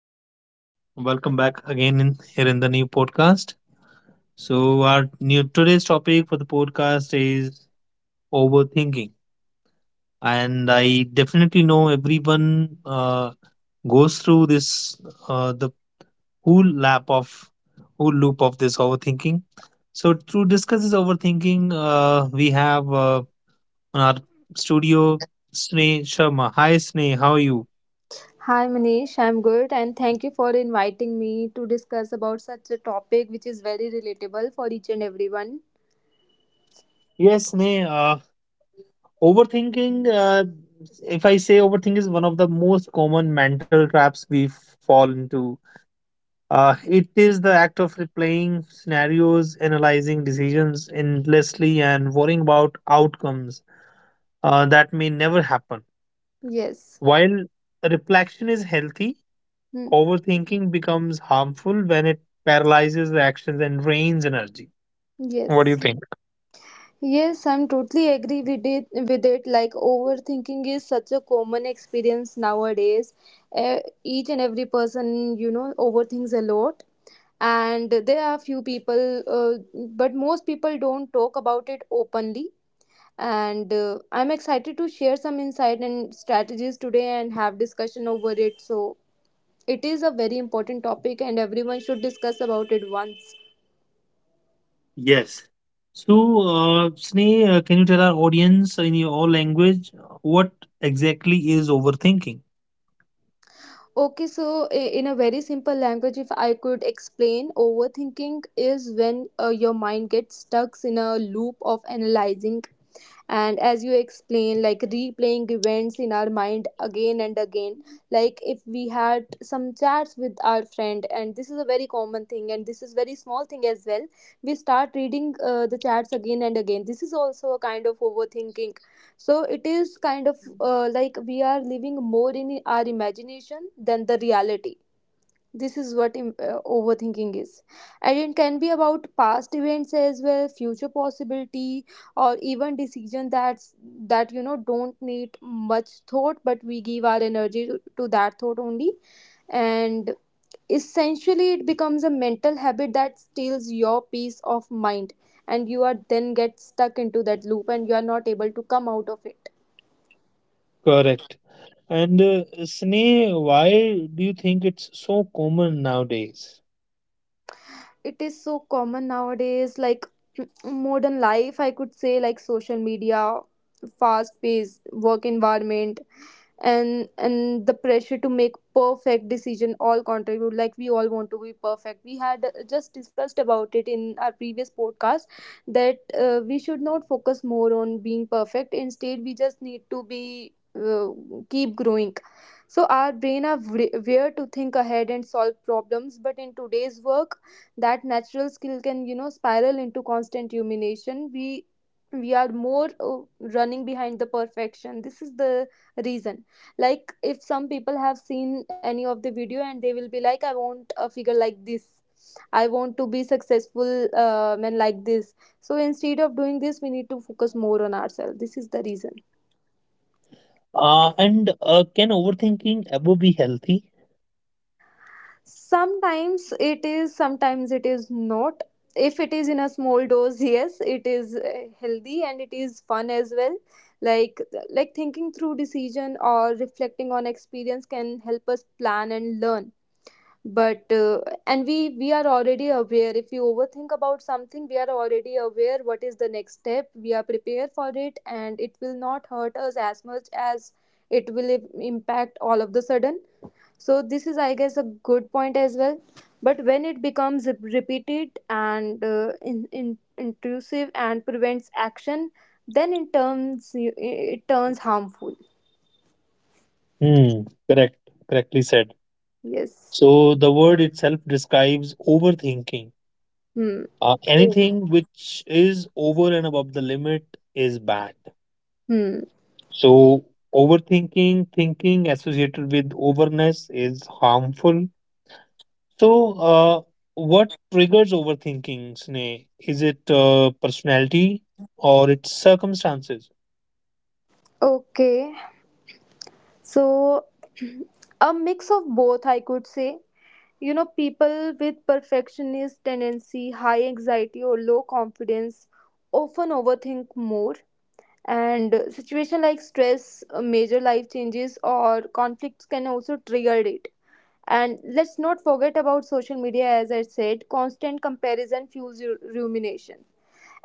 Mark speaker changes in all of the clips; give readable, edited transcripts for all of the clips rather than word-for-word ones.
Speaker 1: Everyone, welcome back again here in the new podcast. So our new today's topic for the podcast is overthinking, and I definitely know everyone goes through this the whole lap of whole loop of this overthinking. So to discuss this overthinking, we have on our studio Sneh Sharma. Hi Sneh, how are you?
Speaker 2: Hi Manish, I'm good and thank you for inviting me to discuss about such a topic which is very relatable for each and everyone.
Speaker 1: Yes, Sneh. Overthinking, if I say overthink is one of the most common mental traps we fall into. It is the act of replaying scenarios, analyzing decisions endlessly, and worrying about outcomes that may never happen.
Speaker 2: Yes.
Speaker 1: While reflection is healthy,
Speaker 2: Hmm.
Speaker 1: overthinking becomes harmful when it paralyzes the actions and drains energy. What do you
Speaker 2: Yes.
Speaker 1: think?
Speaker 2: Yes, I'm totally agree with it. Like overthinking is such a common experience nowadays. Each and every person overthinks a lot. And there are few people, but most people don't talk about it openly. And I'm excited to share some insight and strategies today, and have discussion over it. So it is a very important topic, and everyone should discuss about it once.
Speaker 1: Yes. So, Sneh, can you tell our audience in your language what exactly is overthinking?
Speaker 2: Okay, so in a very simple language, if I could explain, overthinking is when your mind gets stuck in a loop of analyzing, and as you explain, like replaying events in our mind again and again. Like if we had some chats with our friend, and this is a very common thing, and this is very small thing as well. We start reading the chats again and again. This is also a kind of overthinking. So it is kind of like we are living more in our imagination than the reality. This is what overthinking is. And it can be about past events as well, future possibility, or even decision that don't need much thought, but we give our energy to that thought only. And essentially, it becomes a mental habit that steals your peace of mind, and you are then get stuck into that loop, and you are not able to come out of it.
Speaker 1: Correct. And Sneh, why do you think it's so common nowadays?
Speaker 2: It is so common nowadays. Like modern life, I could say, like social media, fast paced work environment, and the pressure to make perfect decision, all contribute. Like we all want to be perfect. We had just discussed about it in our previous podcast, that we should not focus more on being perfect, instead we just need to be uh, keep growing. So our brain are where to think ahead and solve problems, but in today's work, that natural skill can, spiral into constant rumination. We are more running behind the perfection. This is the reason. Like if some people have seen any of the video, and they will be like, I want a figure like this, I want to be successful, man, like this. So instead of doing this, we need to focus more on ourselves. This is the reason.
Speaker 1: And can overthinking ever be healthy?
Speaker 2: Sometimes it is, sometimes it is not. If it is in a small dose, yes, it is healthy, and it is fun as well. Like like thinking through decision or reflecting on experience can help us plan and learn. But uh, and we we are already aware, if we overthink about something, we are already aware what is the next step, we are prepared for it, and it will not hurt us as much as it will impact all of the sudden. So this is, I guess, a good point as well. But when it becomes repeated and intrusive, and prevents action, then it turns harmful.
Speaker 1: Hmm, correct, correctly said.
Speaker 2: Yes.
Speaker 1: So the word itself describes overthinking.
Speaker 2: Hmm. Oh.
Speaker 1: Anything which is over and above the limit is bad.
Speaker 2: Hmm.
Speaker 1: So overthinking, thinking associated with overness is harmful. So what triggers overthinking, Sneh? Is it personality or its circumstances?
Speaker 2: Okay. So, a mix of both, I could say. People with perfectionist tendency, high anxiety, or low confidence often overthink more. And situation like stress, major life changes, or conflicts can also trigger it. And let's not forget about social media, as I said, constant comparison fuels rumination.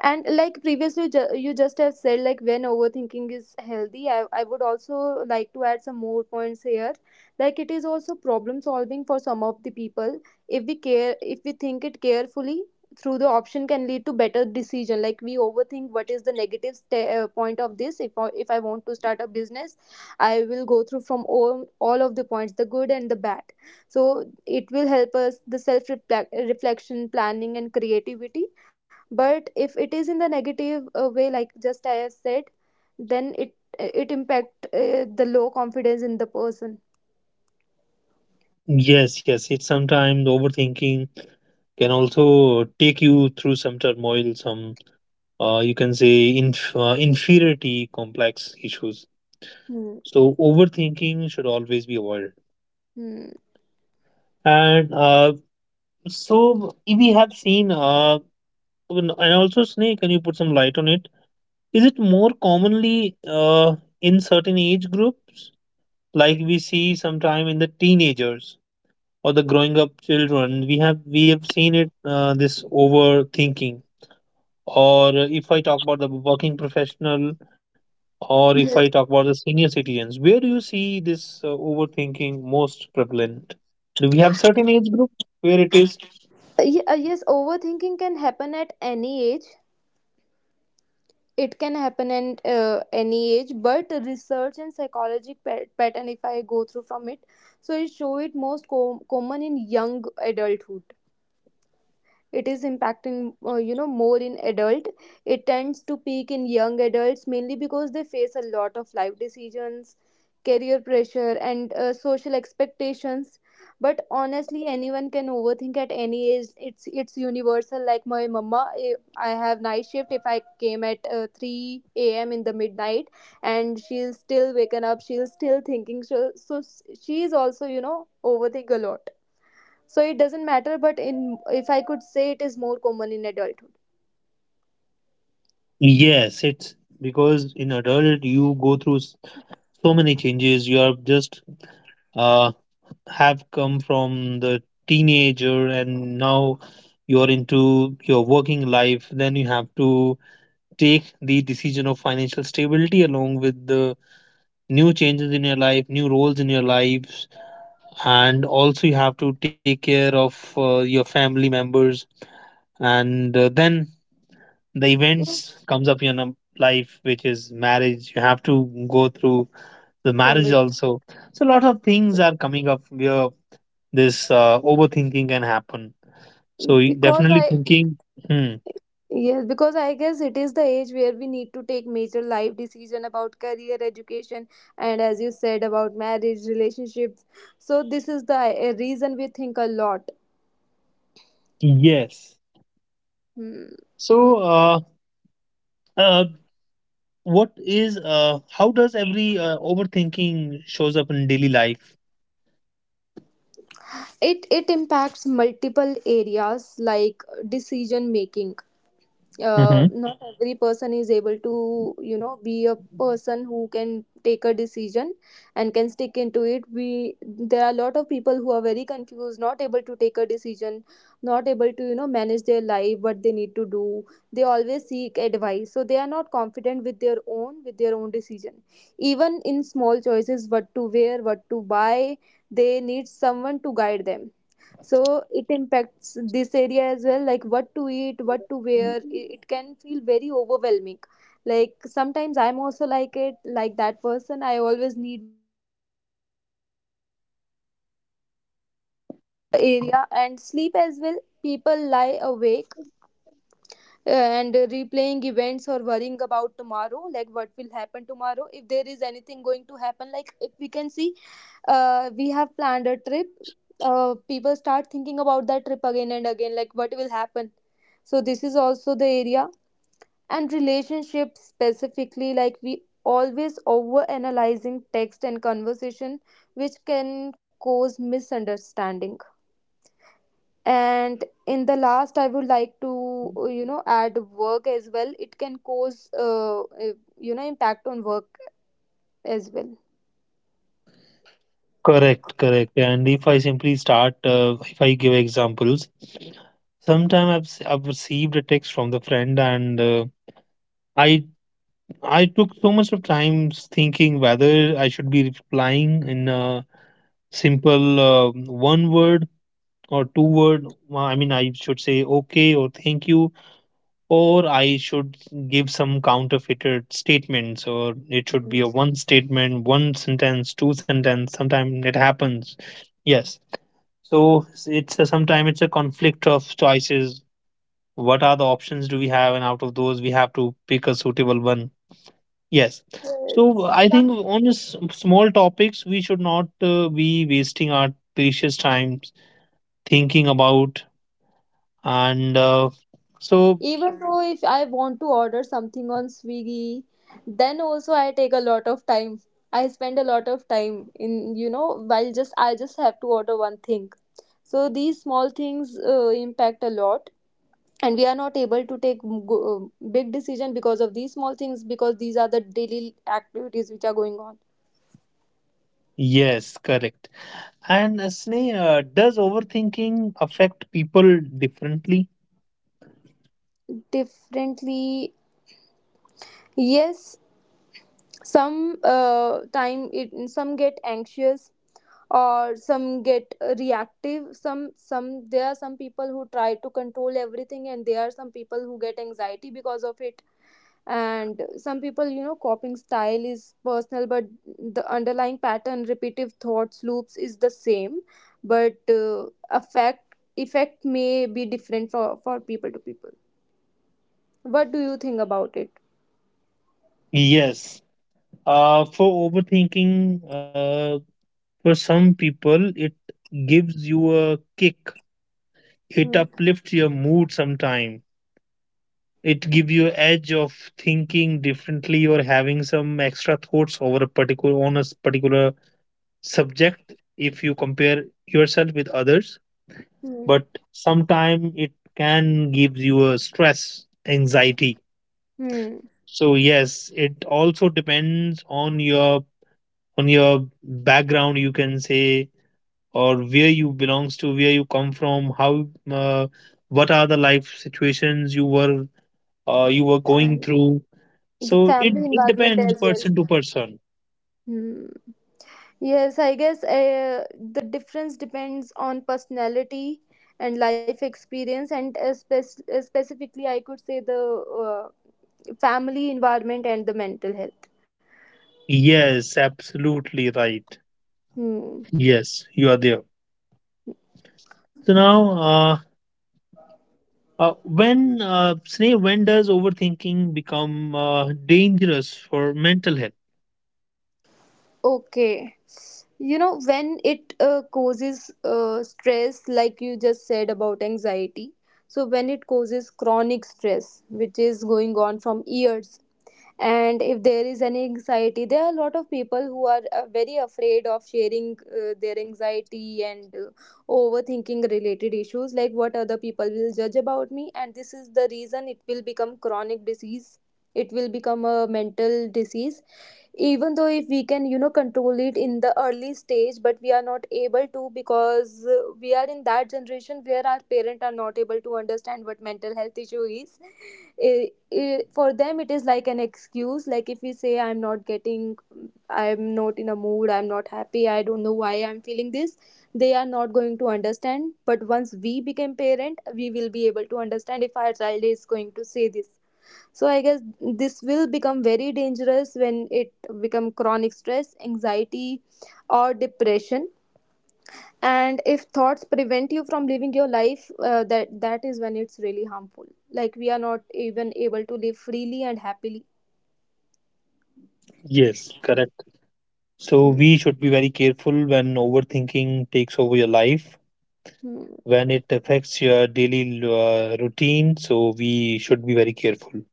Speaker 2: And like previously, you just have said, like when overthinking is healthy, I would also like to add some more points here. Like it is also problem solving for some of the people. If we think it carefully through the option, can lead to better decision. Like we overthink what is the negative sta point of this. If I want to start a business, I will go through from all of the points, the good and the bad. So it will help us the self reflection, planning and creativity. But if it is in the negative way, like just I have said, then it impact the low confidence in the person.
Speaker 1: Yes, yes. It's sometimes overthinking can also take you through some turmoil, some you can say inferiority complex issues.
Speaker 2: Hmm.
Speaker 1: So overthinking should always be avoided.
Speaker 2: Hmm.
Speaker 1: And so we have seen, and also Snake, can you put some light on it? Is it more commonly in certain age groups, like we see sometime in the teenagers or the growing up children? We have seen it, this overthinking. Or if I talk about the working professional, or if I talk about the senior citizens, where do you see this overthinking most prevalent? Do we have certain age group where it is?
Speaker 2: Yes, overthinking can happen at any age. It can happen at any age. But research and psychologic pattern, if I go through from it, so it show it most common in young adulthood. It is impacting, more in adult. It tends to peak in young adults, mainly because they face a lot of life decisions, career pressure and social expectations. But honestly, anyone can overthink at any age. It's universal. Like my mama, I have night shift, if I came at 3 a.m. in the midnight, and she's still waken up, she's still thinking, so she is also, overthink a lot. So it doesn't matter. But in if I could say, it is more common in adulthood.
Speaker 1: Yes, it's because in adult you go through so many changes. You are just uh, have come from the teenager and now you're into your working life. Then you have to take the decision of financial stability along with the new changes in your life, new roles in your life, and also you have to take care of your family members, and then the events
Speaker 2: Yes.
Speaker 1: comes up in your life which is marriage, you have to go through the
Speaker 2: From
Speaker 1: marriage
Speaker 2: it.
Speaker 1: also. So a lot of things are coming up where this overthinking can happen. So
Speaker 2: Because
Speaker 1: definitely
Speaker 2: I
Speaker 1: thinking. Hmm,
Speaker 2: Yes, because I guess it is the age where we need to take major life decision about career education, and as you said, about marriage relationships. So this is the reason we think a lot.
Speaker 1: yes.
Speaker 2: Hmm.
Speaker 1: So uh, what is how does every overthinking shows up in daily life?
Speaker 2: It impacts multiple areas, like decision making.
Speaker 1: Mhm.
Speaker 2: Not every person is able to, be a person who can take a decision, and can stick into it. We There are a lot of people who are very confused, not able to take a decision, not able to, manage their life, what they need to do. They always seek advice, so they are not confident with their own decision. Even in small choices, what to wear, what to buy, they need someone to guide them. So it impacts this area as well. Like what to eat, what to wear, it can feel very overwhelming. Like sometimes I'm also like it, like that person, I always need area, and sleep as well. People lie awake and replaying events or worrying about tomorrow, like what will happen tomorrow, if there is anything going to happen. Like if we can see, we have planned a trip. People start thinking about that trip again and again, like what will happen. So this is also the area, and relationships specifically, like we always over analyzing text and conversation, which can cause misunderstanding. And in the last, I would like to add work as well. It can cause impact on work as well.
Speaker 1: Correct, correct. And if I simply start, if I give examples, sometime I've I've received a text from the friend, and I I took so much of time thinking whether I should be replying in a simple one word or two word. Well, I mean, I should say okay or thank you, or I should give some counterfeited statements, or it should be a
Speaker 2: Mm,
Speaker 1: one statement, one sentence, two sentence. Sometimes it happens. Yes. So it's a, sometimes it's a conflict of choices. What are the options do we have, and out of those we have to pick a suitable one. Yes. So
Speaker 2: yes.
Speaker 1: I
Speaker 2: Some,
Speaker 1: think on this small topics we should not be wasting our precious times thinking about. And so.
Speaker 2: even though if I want to order something on Swiggy, then also I take a lot of time. I spend a lot of time in, while just have to order one thing. So these small things impact a lot, and we are not able to take big decision because of these small things, because these are the daily activities which are going on.
Speaker 1: Yes, correct. And Sneh, does overthinking affect people differently?
Speaker 2: Differently. Yes. Some time it, some get anxious, or some get reactive. Some There are some people who try to control everything, and there are some people who get anxiety because of it. And some people, coping style is personal, but the underlying pattern, repetitive thoughts loops is the same. But effect may be different for people to people. What do you think about it?
Speaker 1: Yes. For overthinking, for some people it gives you a kick. It
Speaker 2: Hmm.
Speaker 1: uplifts your mood sometime. It gives you edge of thinking differently or having some extra thoughts over a particular, on a particular subject if you compare yourself with others.
Speaker 2: Hmm.
Speaker 1: But sometimes it can give you a stress, anxiety.
Speaker 2: Hmm.
Speaker 1: So yes, it also depends on your, on your background you can say, or where you belongs to, where you come from, how what are the life situations you were going
Speaker 2: And
Speaker 1: through.
Speaker 2: the
Speaker 1: So it,
Speaker 2: family
Speaker 1: it
Speaker 2: environment
Speaker 1: depends
Speaker 2: as well.
Speaker 1: person to person.
Speaker 2: Hmm. Yes, I guess the difference depends on personality and life experience, and specifically, I could say the uh, family environment and the mental health.
Speaker 1: Yes, absolutely right.
Speaker 2: Hmm.
Speaker 1: Yes, you are there. So now, uh, when Sneh, when does overthinking become dangerous for mental health?
Speaker 2: Okay, you know when it causes stress, like you just said about anxiety. So when it causes chronic stress which is going on from years, and if there is any anxiety, there are a lot of people who are very afraid of sharing their anxiety and overthinking related issues, like what other people will judge about me, and this is the reason it will become chronic disease. It will become a mental disease, even though if we can you know control it in the early stage but we are not able to, because we are in that generation where our parents are not able to understand what mental health issue is. For them it is like an excuse, like if we say I'm not getting, I'm not in a mood, I'm not happy, I don't know why I'm feeling this, they are not going to understand. But once we become parent, we will be able to understand if our child is going to say this. So I guess this will become very dangerous when it become chronic stress, anxiety, or depression. And if thoughts prevent you from living your life, that is when it's really harmful. Like we are not even able to live freely and happily.
Speaker 1: Yes, correct. So
Speaker 2: Hmm.
Speaker 1: we should be very careful when overthinking takes over your life,
Speaker 2: Hmm.
Speaker 1: when it affects your daily routine. So we should be very careful.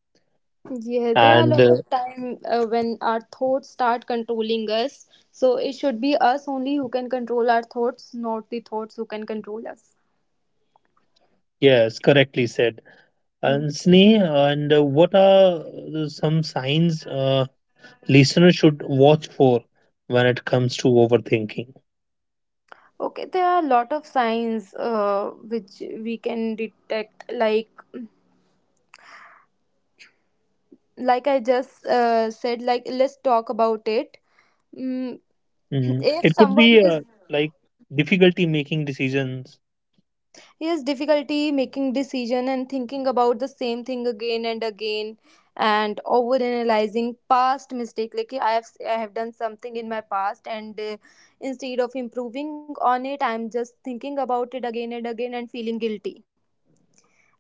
Speaker 2: Yeah, there are a
Speaker 1: And
Speaker 2: lot of time when our thoughts start controlling us. So it should be us only who can control our thoughts, not the thoughts who can control us.
Speaker 1: yes, correctly said.
Speaker 2: Hmm.
Speaker 1: And Sneh, and what are some signs listeners should watch for when it comes to overthinking?
Speaker 2: Okay, there are a lot of signs which we can detect. Like I just said, like let's talk about it. Mm,
Speaker 1: Mm,
Speaker 2: if
Speaker 1: it could
Speaker 2: someone
Speaker 1: be
Speaker 2: is,
Speaker 1: like difficulty making decisions.
Speaker 2: he has difficulty making decision and thinking about the same thing again and again, and over analyzing past mistake, like, "Yeah, I have, I have done something in my past and instead of improving on it I am just thinking about it again and again and feeling guilty."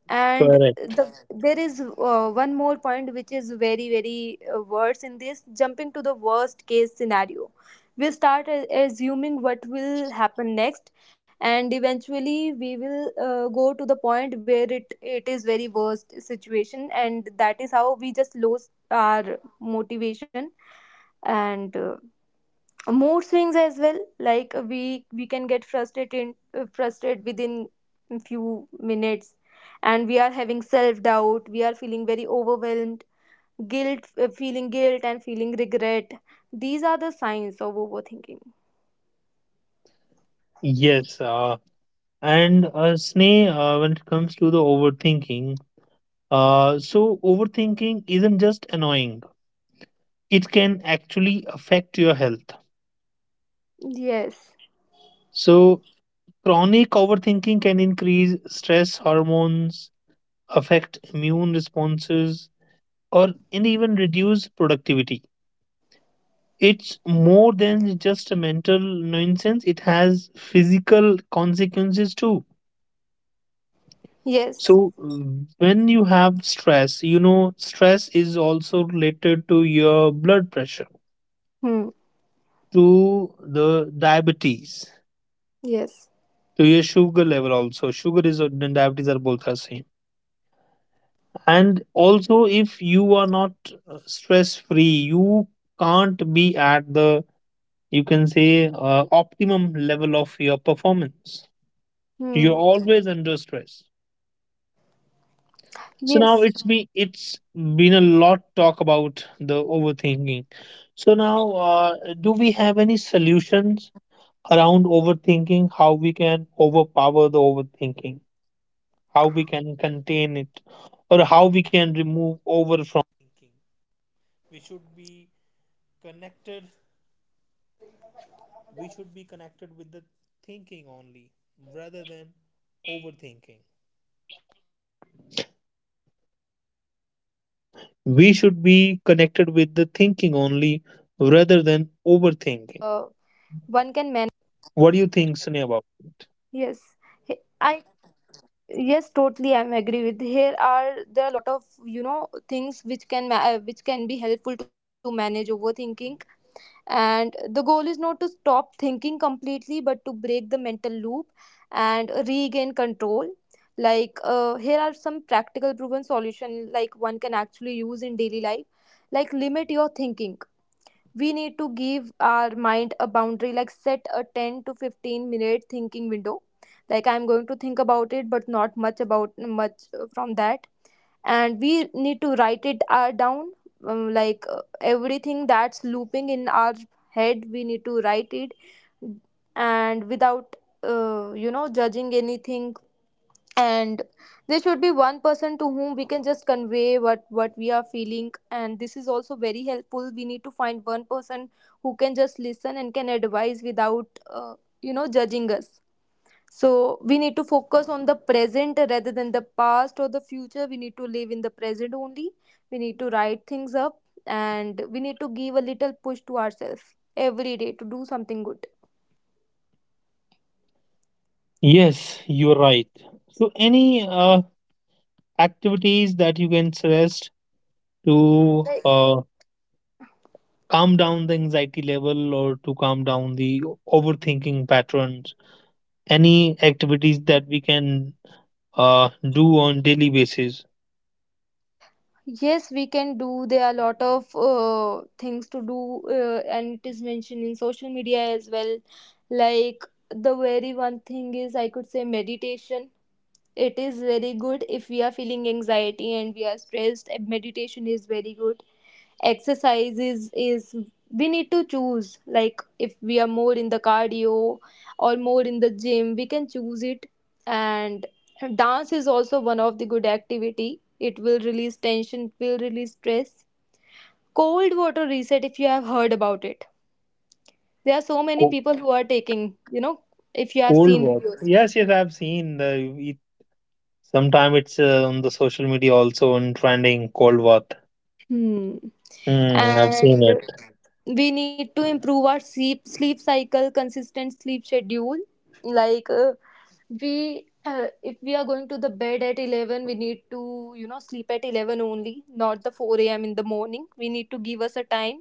Speaker 2: And
Speaker 1: Correct.
Speaker 2: there is one more point which is very very worse in this, jumping to the worst case scenario. We start assuming what will happen next, and eventually we will go to the point where it is very worst situation, and that is how we just lose our motivation. And mood swings as well, like we can get frustrated, frustrated within few minutes. And we are having self doubt, we are feeling very overwhelmed, guilt feeling guilt and feeling regret. These are the signs of overthinking.
Speaker 1: Yes. And Sneh, when it comes to the overthinking, so overthinking isn't just annoying, it can actually affect your health.
Speaker 2: Yes.
Speaker 1: So, chronic overthinking can increase stress hormones, affect immune responses, or and even reduce productivity. It's more than just a mental nuisance, it has physical consequences too.
Speaker 2: Yes.
Speaker 1: So, mm, when you have stress, you know, stress is also related to your blood pressure,
Speaker 2: Hmm.
Speaker 1: to the diabetes,
Speaker 2: Yes.
Speaker 1: to your sugar level. Also sugar is and diabetes are both the same. And also if you are not stress free, you can't be at the, you can say optimum level of your performance. You're always under stress. So now it's been a lot talk about the overthinking.
Speaker 2: Hmm.
Speaker 1: So now do we have any solutions
Speaker 2: Yes.
Speaker 1: around overthinking? How we can overpower the overthinking, how we can contain it, or how we can remove overflow? We should be
Speaker 2: Yes, I
Speaker 1: connected
Speaker 2: guess,
Speaker 1: with
Speaker 2: oh,
Speaker 1: the
Speaker 2: there are
Speaker 1: thinking
Speaker 2: lot of
Speaker 1: only
Speaker 2: things
Speaker 1: rather than overthinking.
Speaker 2: one can manage.
Speaker 1: What do you think, Sunny, about it?
Speaker 2: Yes. He- I Yes, totally. I'm agree with. Here are there are a lot of you know things which which can be helpful to manage overthinking. And the goal is not to stop thinking completely, but to break the mental loop and regain control. Like here are some proven solution like one can actually use in daily life. Like, limit your thinking. We need to give our mind a boundary, like set a 10 to 15 minute thinking window, like I'm going to think about it but not much about much from that. And we need to write it down, like everything that's looping in our head, we need to write it, and without you know judging anything. And there should be one person to whom we can just convey what we are feeling, and this is also very helpful. We need to find one person who can just listen and can advise without you know judging us. So we need to focus on the present rather than the past or the future. We need to live in the present only. We need to write things up, and we need to give a little push to ourselves every day to do something good.
Speaker 1: Yes, you're right. So, any activities that you can suggest to calm down the anxiety level or to calm down the overthinking patterns? Any activities that we can do on daily basis?
Speaker 2: Yes, we can do. There are a lot of things to do, and it is mentioned in social media as well. Like, the very one thing is, I could say, meditation. It is very good if we are feeling anxiety and we are stressed. And meditation is very good. Exercise is, we need to choose, like if we are more in the cardio or more in the gym, we can choose it. And dance is also one of the good activity. It will release tension, it will release stress. Cold water reset, if you have heard about it, there are so many
Speaker 1: Co-
Speaker 2: people who are taking you know, if you have
Speaker 1: Cold
Speaker 2: seen
Speaker 1: walk.
Speaker 2: videos.
Speaker 1: Yes, yes, I've seen the. Sometimes it's on the social media also on trending cold war.
Speaker 2: Hmm.
Speaker 1: Hmm, I've seen
Speaker 2: And
Speaker 1: it.
Speaker 2: we need to improve our sleep cycle, consistent sleep schedule. Like we if we are going to the bed at 11, we need to you know sleep at 11 only, not the 4 a.m. in the morning. We need to give us a time,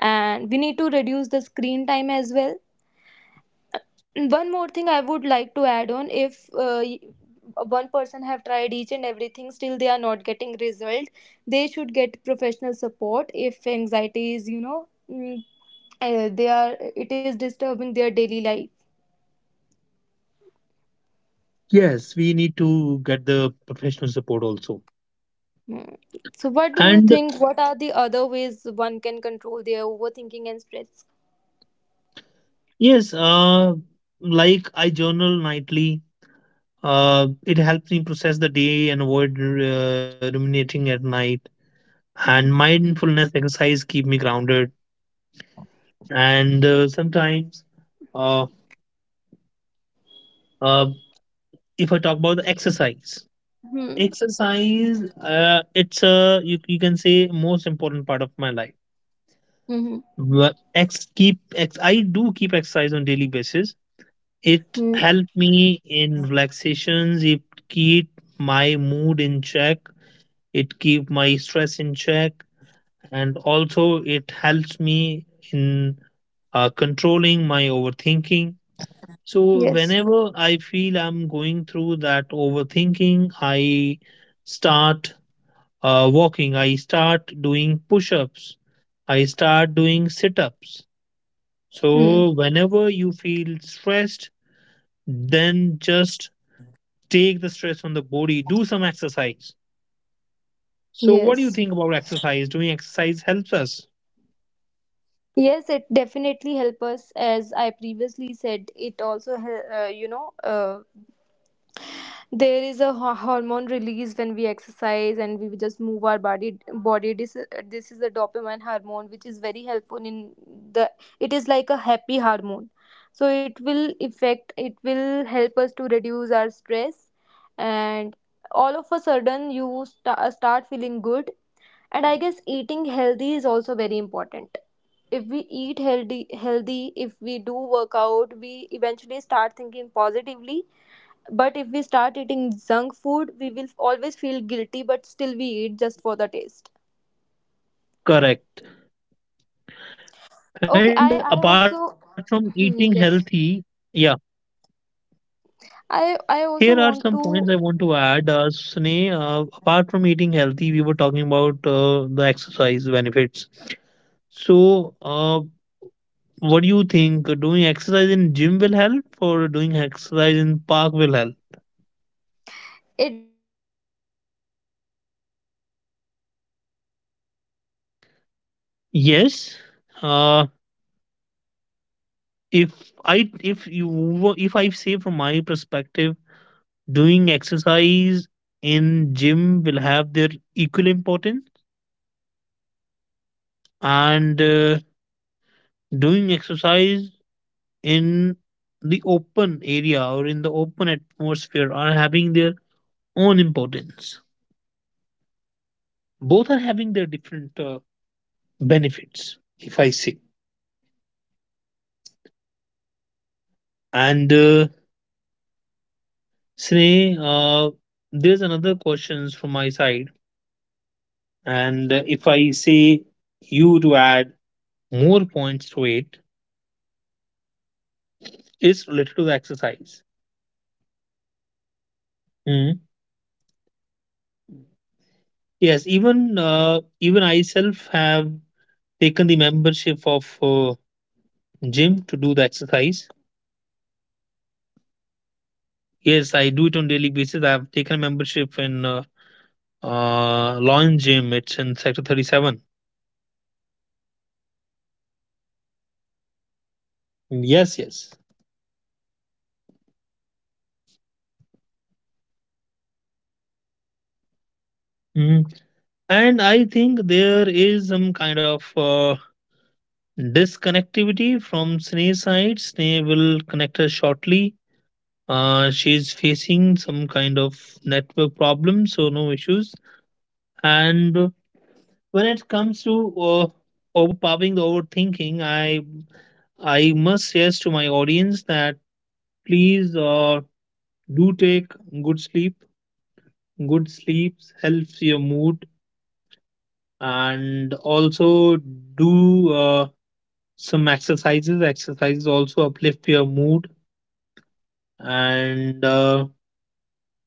Speaker 2: and we need to reduce the screen time as well. One more thing I would like to add on, if one person have tried each and everything, still they are not getting result, they should get professional support if anxiety is you know they are, it is disturbing their daily life.
Speaker 1: Yes, we need to get the professional support also.
Speaker 2: Hmm. So, what do you
Speaker 1: And
Speaker 2: think? What are the other ways one can control their overthinking and stress?
Speaker 1: yes, like I journal nightly. It helps me process the day and avoid ruminating at night. And
Speaker 2: Hmm.
Speaker 1: mindfulness exercise keep me grounded. And sometimes, uh, uh, if I talk about the exercise,
Speaker 2: Hmm.
Speaker 1: exercise, it's a, you can say most important part of my life.
Speaker 2: Mm-hmm.
Speaker 1: But ex keep ex I do keep exercise on daily basis. It helped me in relaxations. It keep my mood in check. It keep my stress in check, and also it helps me in controlling my overthinking. So,
Speaker 2: Yes.
Speaker 1: whenever I feel I'm going through that overthinking, I start walking, I start doing push ups, I start doing sit ups.
Speaker 2: Hmm.
Speaker 1: So, whenever you feel stressed, then just take the stress from the body, do some exercise. So,
Speaker 2: Yes.
Speaker 1: what do you think about exercise? Doing exercise helps us.
Speaker 2: Yes, it definitely help us. As I previously said, it also you know there is a hormone release when we exercise and we just move our body, this is a dopamine hormone which is very helpful in the, it is like a happy hormone. So it will affect, it will help us to reduce our stress. And all of a sudden you start feeling good. And I guess eating healthy is also very important. If we eat healthy, if we do workout, we eventually start thinking positively. But if we start eating junk food, we will always feel guilty, but still we eat just for the taste.
Speaker 1: Correct. And
Speaker 2: Okay,
Speaker 1: apart
Speaker 2: I
Speaker 1: from
Speaker 2: I
Speaker 1: eating
Speaker 2: also,
Speaker 1: healthy,
Speaker 2: hmm,
Speaker 1: yeah,
Speaker 2: yes,
Speaker 1: here are
Speaker 2: I
Speaker 1: some
Speaker 2: I
Speaker 1: points I
Speaker 2: also
Speaker 1: want to
Speaker 2: want
Speaker 1: add.
Speaker 2: to
Speaker 1: Sneh, apart from eating healthy, we were talking about the exercise benefits. So, what do you think, doing exercise in gym will help or doing exercise in park will help? Yes, uh if if you wa- if I say from my perspective, doing exercise in gym will have their equal importance, and doing exercise in the open area or in the open atmosphere are having their own importance. Both are having their different benefits if I say. And Sneh, there's another questions from my side, and if I say you to add more points to it, it's related to the exercise. Hmm. Yes, even I self have taken the membership of gym to do the exercise. Yes, I do it on daily basis. I have taken membership in Lawn Gym. It's in Sector 37. Yes, yes. Mm. And I think there is some kind of this connectivity from Sneha's side, Sneha will connect her shortly. She's facing some kind of network problem, so no issues. And when it comes to overpowering the overthinking, I must stress to my audience that please do take good sleep. Good sleep helps your mood, and also do some exercises. Exercises also uplift your mood, and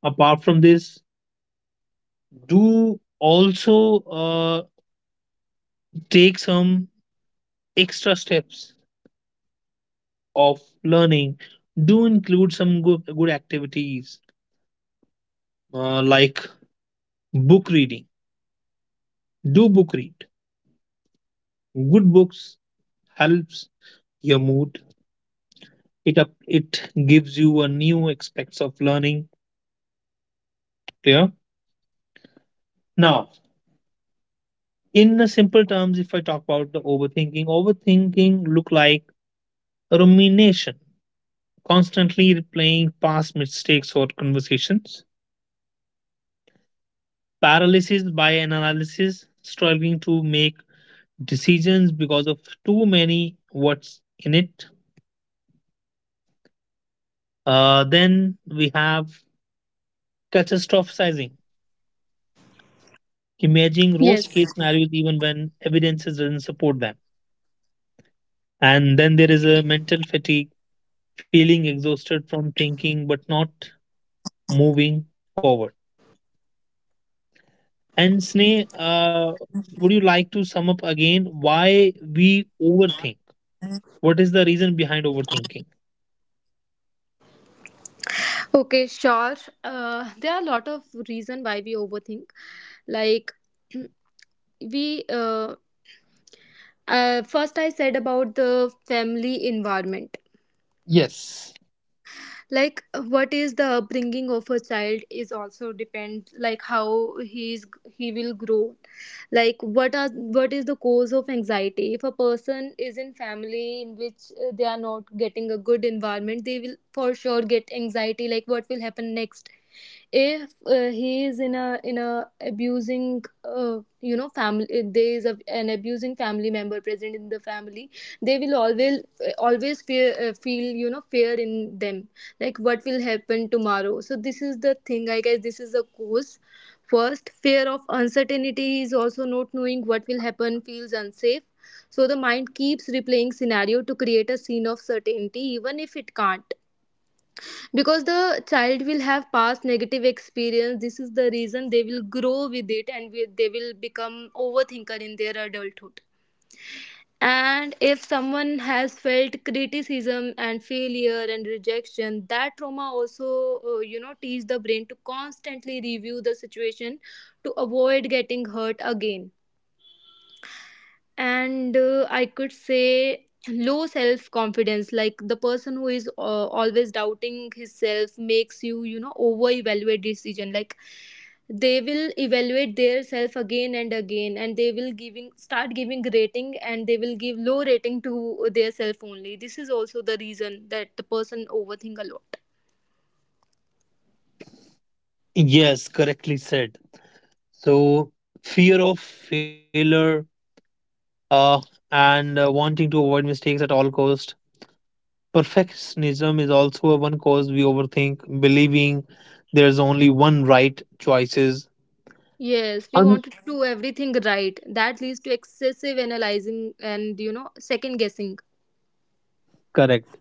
Speaker 1: apart from this, do also take some extra steps of learning. Do include some good, good activities like book reading. Do book read good books, helps your mood, it up, it gives you a new aspects of learning. Clear? Now in a simple terms, if I talk about the overthinking, overthinking look like rumination, constantly replaying past mistakes or conversations, paralysis by analysis, struggling to make decisions because of too many what's in it. Then we have catastrophizing, imagining
Speaker 3: Yes.
Speaker 1: worst case scenarios even when evidence doesn't support them. And then there is a mental fatigue, feeling exhausted from thinking but not moving forward. And Sneh, would you like to sum up again why we overthink? What is the reason behind overthinking?
Speaker 3: Okay, sure. There are a lot of reason why we overthink. Like we first I said about the family environment.
Speaker 1: Yes.
Speaker 3: Like what is the upbringing of a child is also depends. Like how he will grow, like what is the cause of anxiety. If a person is in family in which they are not getting a good environment, they will for sure get anxiety, like what will happen next if he is in a abusing family, if there is a, an abusing family member present in the family, they will always always fear, feel fear in them, like what will happen tomorrow. So this is the thing, I guess. This is a cause. First, fear of uncertainty is also not knowing what will happen, feels unsafe, so the mind keeps replaying scenario to create a scene of certainty even if it can't, because the child will have past negative experience. This is the reason they will grow with it, and they will become overthinker in their adulthood. And if someone has felt criticism and failure and rejection, that trauma also, teach the brain to constantly review the situation to avoid getting hurt again. And I could say low self confidence, like the person who is always doubting himself makes you you know over evaluate decision, like they will evaluate their self again and again, and they will giving start giving rating, and they will give low rating to their self only. This is also the reason that the person overthink a lot.
Speaker 1: Yes, correctly said. So, fear of failure, uh, and wanting to avoid mistakes at all cost. Perfectionism is also a one cause we overthink, believing there's only one right choices.
Speaker 3: Yes, we
Speaker 1: Un-
Speaker 3: wanted to do everything right. That leads to excessive analyzing and, second guessing.
Speaker 1: Correct.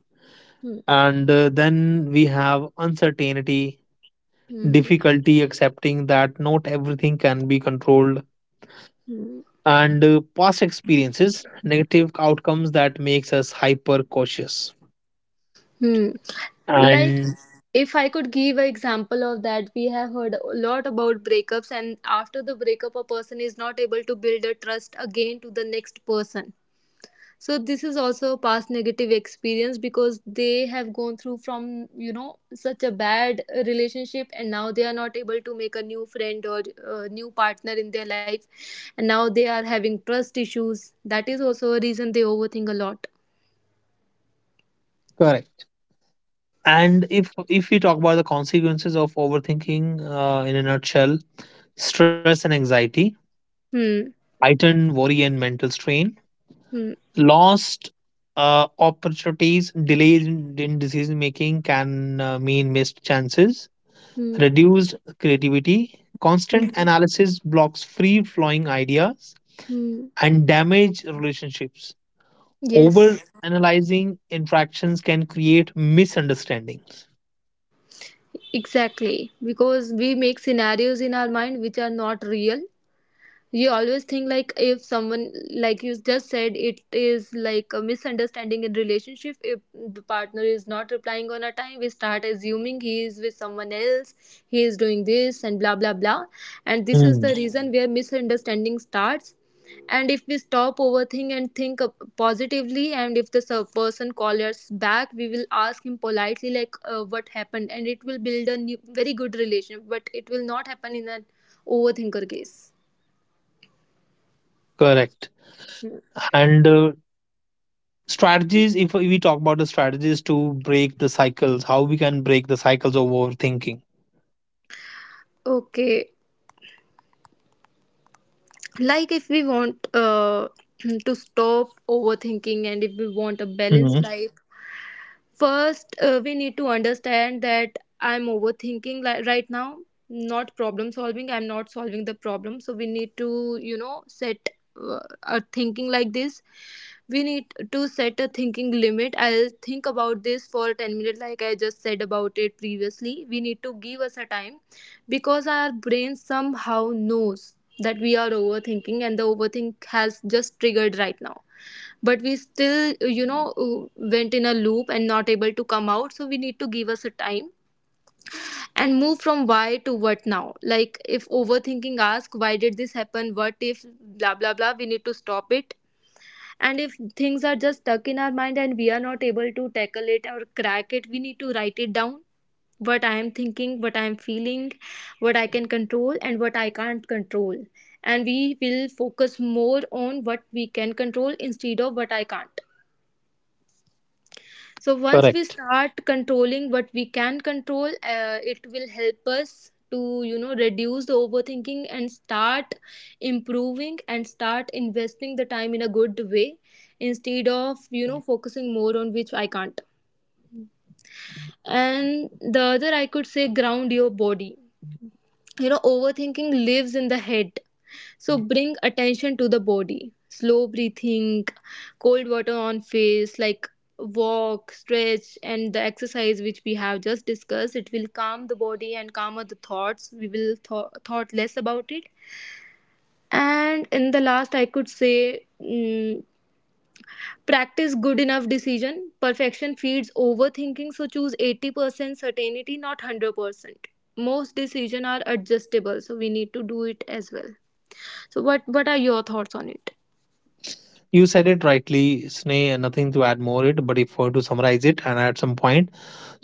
Speaker 3: Hmm.
Speaker 1: And then we have uncertainty,
Speaker 3: Hmm.
Speaker 1: difficulty accepting that not everything can be controlled,
Speaker 3: Hmm.
Speaker 1: and past experiences negative outcomes that makes us hyper cautious.
Speaker 3: Hmm. Like,
Speaker 1: And
Speaker 3: if I could give an example of that, we have heard a lot about breakups, and after the breakup, a person is not able to build a trust again to the next person. So this is also a past negative experience because they have gone through from such a bad relationship, and now they are not able to make a new friend or new partner in their life, and now they are having trust issues. That is also a reason they overthink a lot.
Speaker 1: correct. And if we talk about the consequences of overthinking, in a nutshell, stress and anxiety,
Speaker 3: Hmm.
Speaker 1: heightened worry and mental strain,
Speaker 3: Hmm.
Speaker 1: lost opportunities, delays in decision making can mean missed chances,
Speaker 3: Hmm.
Speaker 1: reduced creativity,
Speaker 3: Hmm.
Speaker 1: constant analysis blocks free flowing ideas,
Speaker 3: Hmm.
Speaker 1: and damage relationships, over
Speaker 3: Yes.
Speaker 1: analyzing interactions can create misunderstandings.
Speaker 3: Exactly, because we make scenarios in our mind which are not real. You always think like if someone, like you just said, it is like a misunderstanding in relationship. If the partner is not replying on a time, we start assuming he is with someone else, he is doing this and blah blah blah, and this is
Speaker 1: Hmm.
Speaker 3: the reason where misunderstanding starts. And if we stop overthink and think positively, and if the person calls us back, we will ask him politely, like what happened, and it will build a new, very good relationship, but it will not happen in an overthinker case.
Speaker 1: Correct. And strategies, if we talk about the strategies to break the cycles, how we can break the cycles of overthinking.
Speaker 3: Okay, like if we want to stop overthinking, and if we want a balanced
Speaker 1: Hmm.
Speaker 3: life, first, we need to understand that I'm overthinking right now, not problem solving. I'm not solving the problem. So, we need to, set a thinking like this. We need to set a thinking limit. I'll think about this for 10 minutes, like I just said about it previously. We need to give us a time, because our brain somehow knows that we are overthinking and the overthink has just triggered right now, but we still went in a loop and not able to come out, so we need to give us a time and move from why to what now. Like if overthinking ask why did this happen, what if blah blah blah, we need to stop it. And if things are just stuck in our mind and we are not able to tackle it or crack it, we need to write it down: what I am thinking, what I am feeling, what I can control and what I can't control. And we will focus more on what we can control instead of what I can't. So once we
Speaker 1: Correct.
Speaker 3: start controlling what we can control, it will help us to reduce the overthinking and start improving and start investing the time in a good way, instead of focusing more on which I can't. And the other, I could say, ground your body. You know, overthinking lives in the head, so bring attention to the body. Slow breathing, cold water on face, like walk, stretch, and the exercise which we have just discussed. It will calm the body and calmer the thoughts. We will thought less about it. And in the last, I could say, practice good enough decision. Perfection feeds overthinking, so choose 80% certainty, not 100%. Most decisions are adjustable, so we need to do it as well. So, what are your thoughts on it?
Speaker 1: You said it rightly, Sneh, and nothing to add more it, but if I were to summarize it and add some point,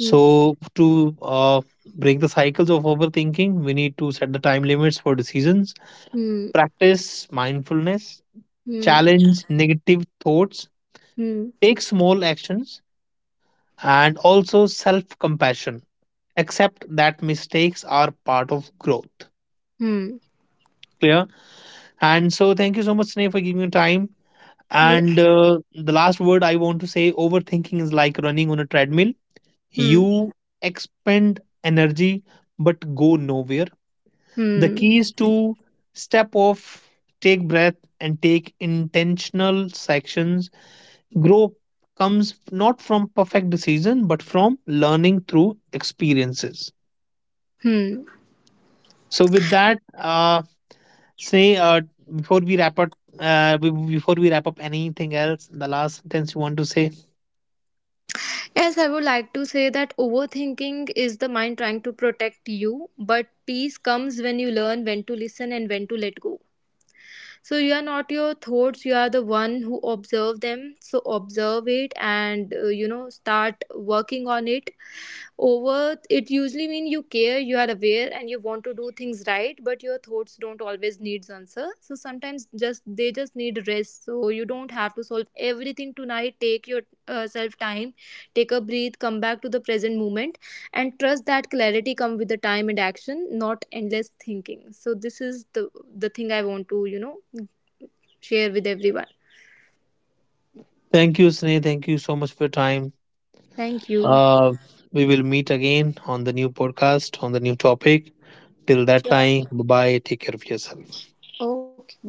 Speaker 3: Hmm.
Speaker 1: to uh, break the cycles of overthinking, we need to set the time limits for decisions,
Speaker 3: Hmm.
Speaker 1: practice mindfulness,
Speaker 3: Hmm.
Speaker 1: challenge negative thoughts,
Speaker 3: Hmm.
Speaker 1: take small actions, and also self compassion. Accept that mistakes are part of growth.
Speaker 3: Hmm.
Speaker 1: Clear? And so, thank you so much, Sneh, for giving me time. And
Speaker 3: Yes.
Speaker 1: the last word I want to say, overthinking is like running on a treadmill.
Speaker 3: Hmm.
Speaker 1: You expend energy but go nowhere. The
Speaker 3: Hmm.
Speaker 1: key is to step off, take breath, and take intentional sections. Growth comes not from perfect decision, but from learning through experiences.
Speaker 3: Hmm.
Speaker 1: So, with that, say before we wrap up, before we wrap up, anything else? The last sentence you want to say?
Speaker 3: Yes, I would like to say that overthinking is the mind trying to protect you, but peace comes when you learn when to listen and when to let go. So you are not your thoughts; you are the one who observe them. So observe it and start working on it. Over, it usually means you care, you are aware, and you want to do things right, but your thoughts don't always need answer. So sometimes just they just need rest. So you don't have to solve everything tonight. Take your self time, take a breathe, come back to the present moment, and trust that clarity come with the time and action, not endless thinking. So this is the thing I want to share with everyone.
Speaker 1: Thank you, Sneh. Thank you so much for your time.
Speaker 3: Thank you.
Speaker 1: Uh, we will meet again on the new podcast, on the new topic. Till that
Speaker 3: Sure.
Speaker 1: time, bye bye. Take care of yourself.
Speaker 3: Okay. Bye.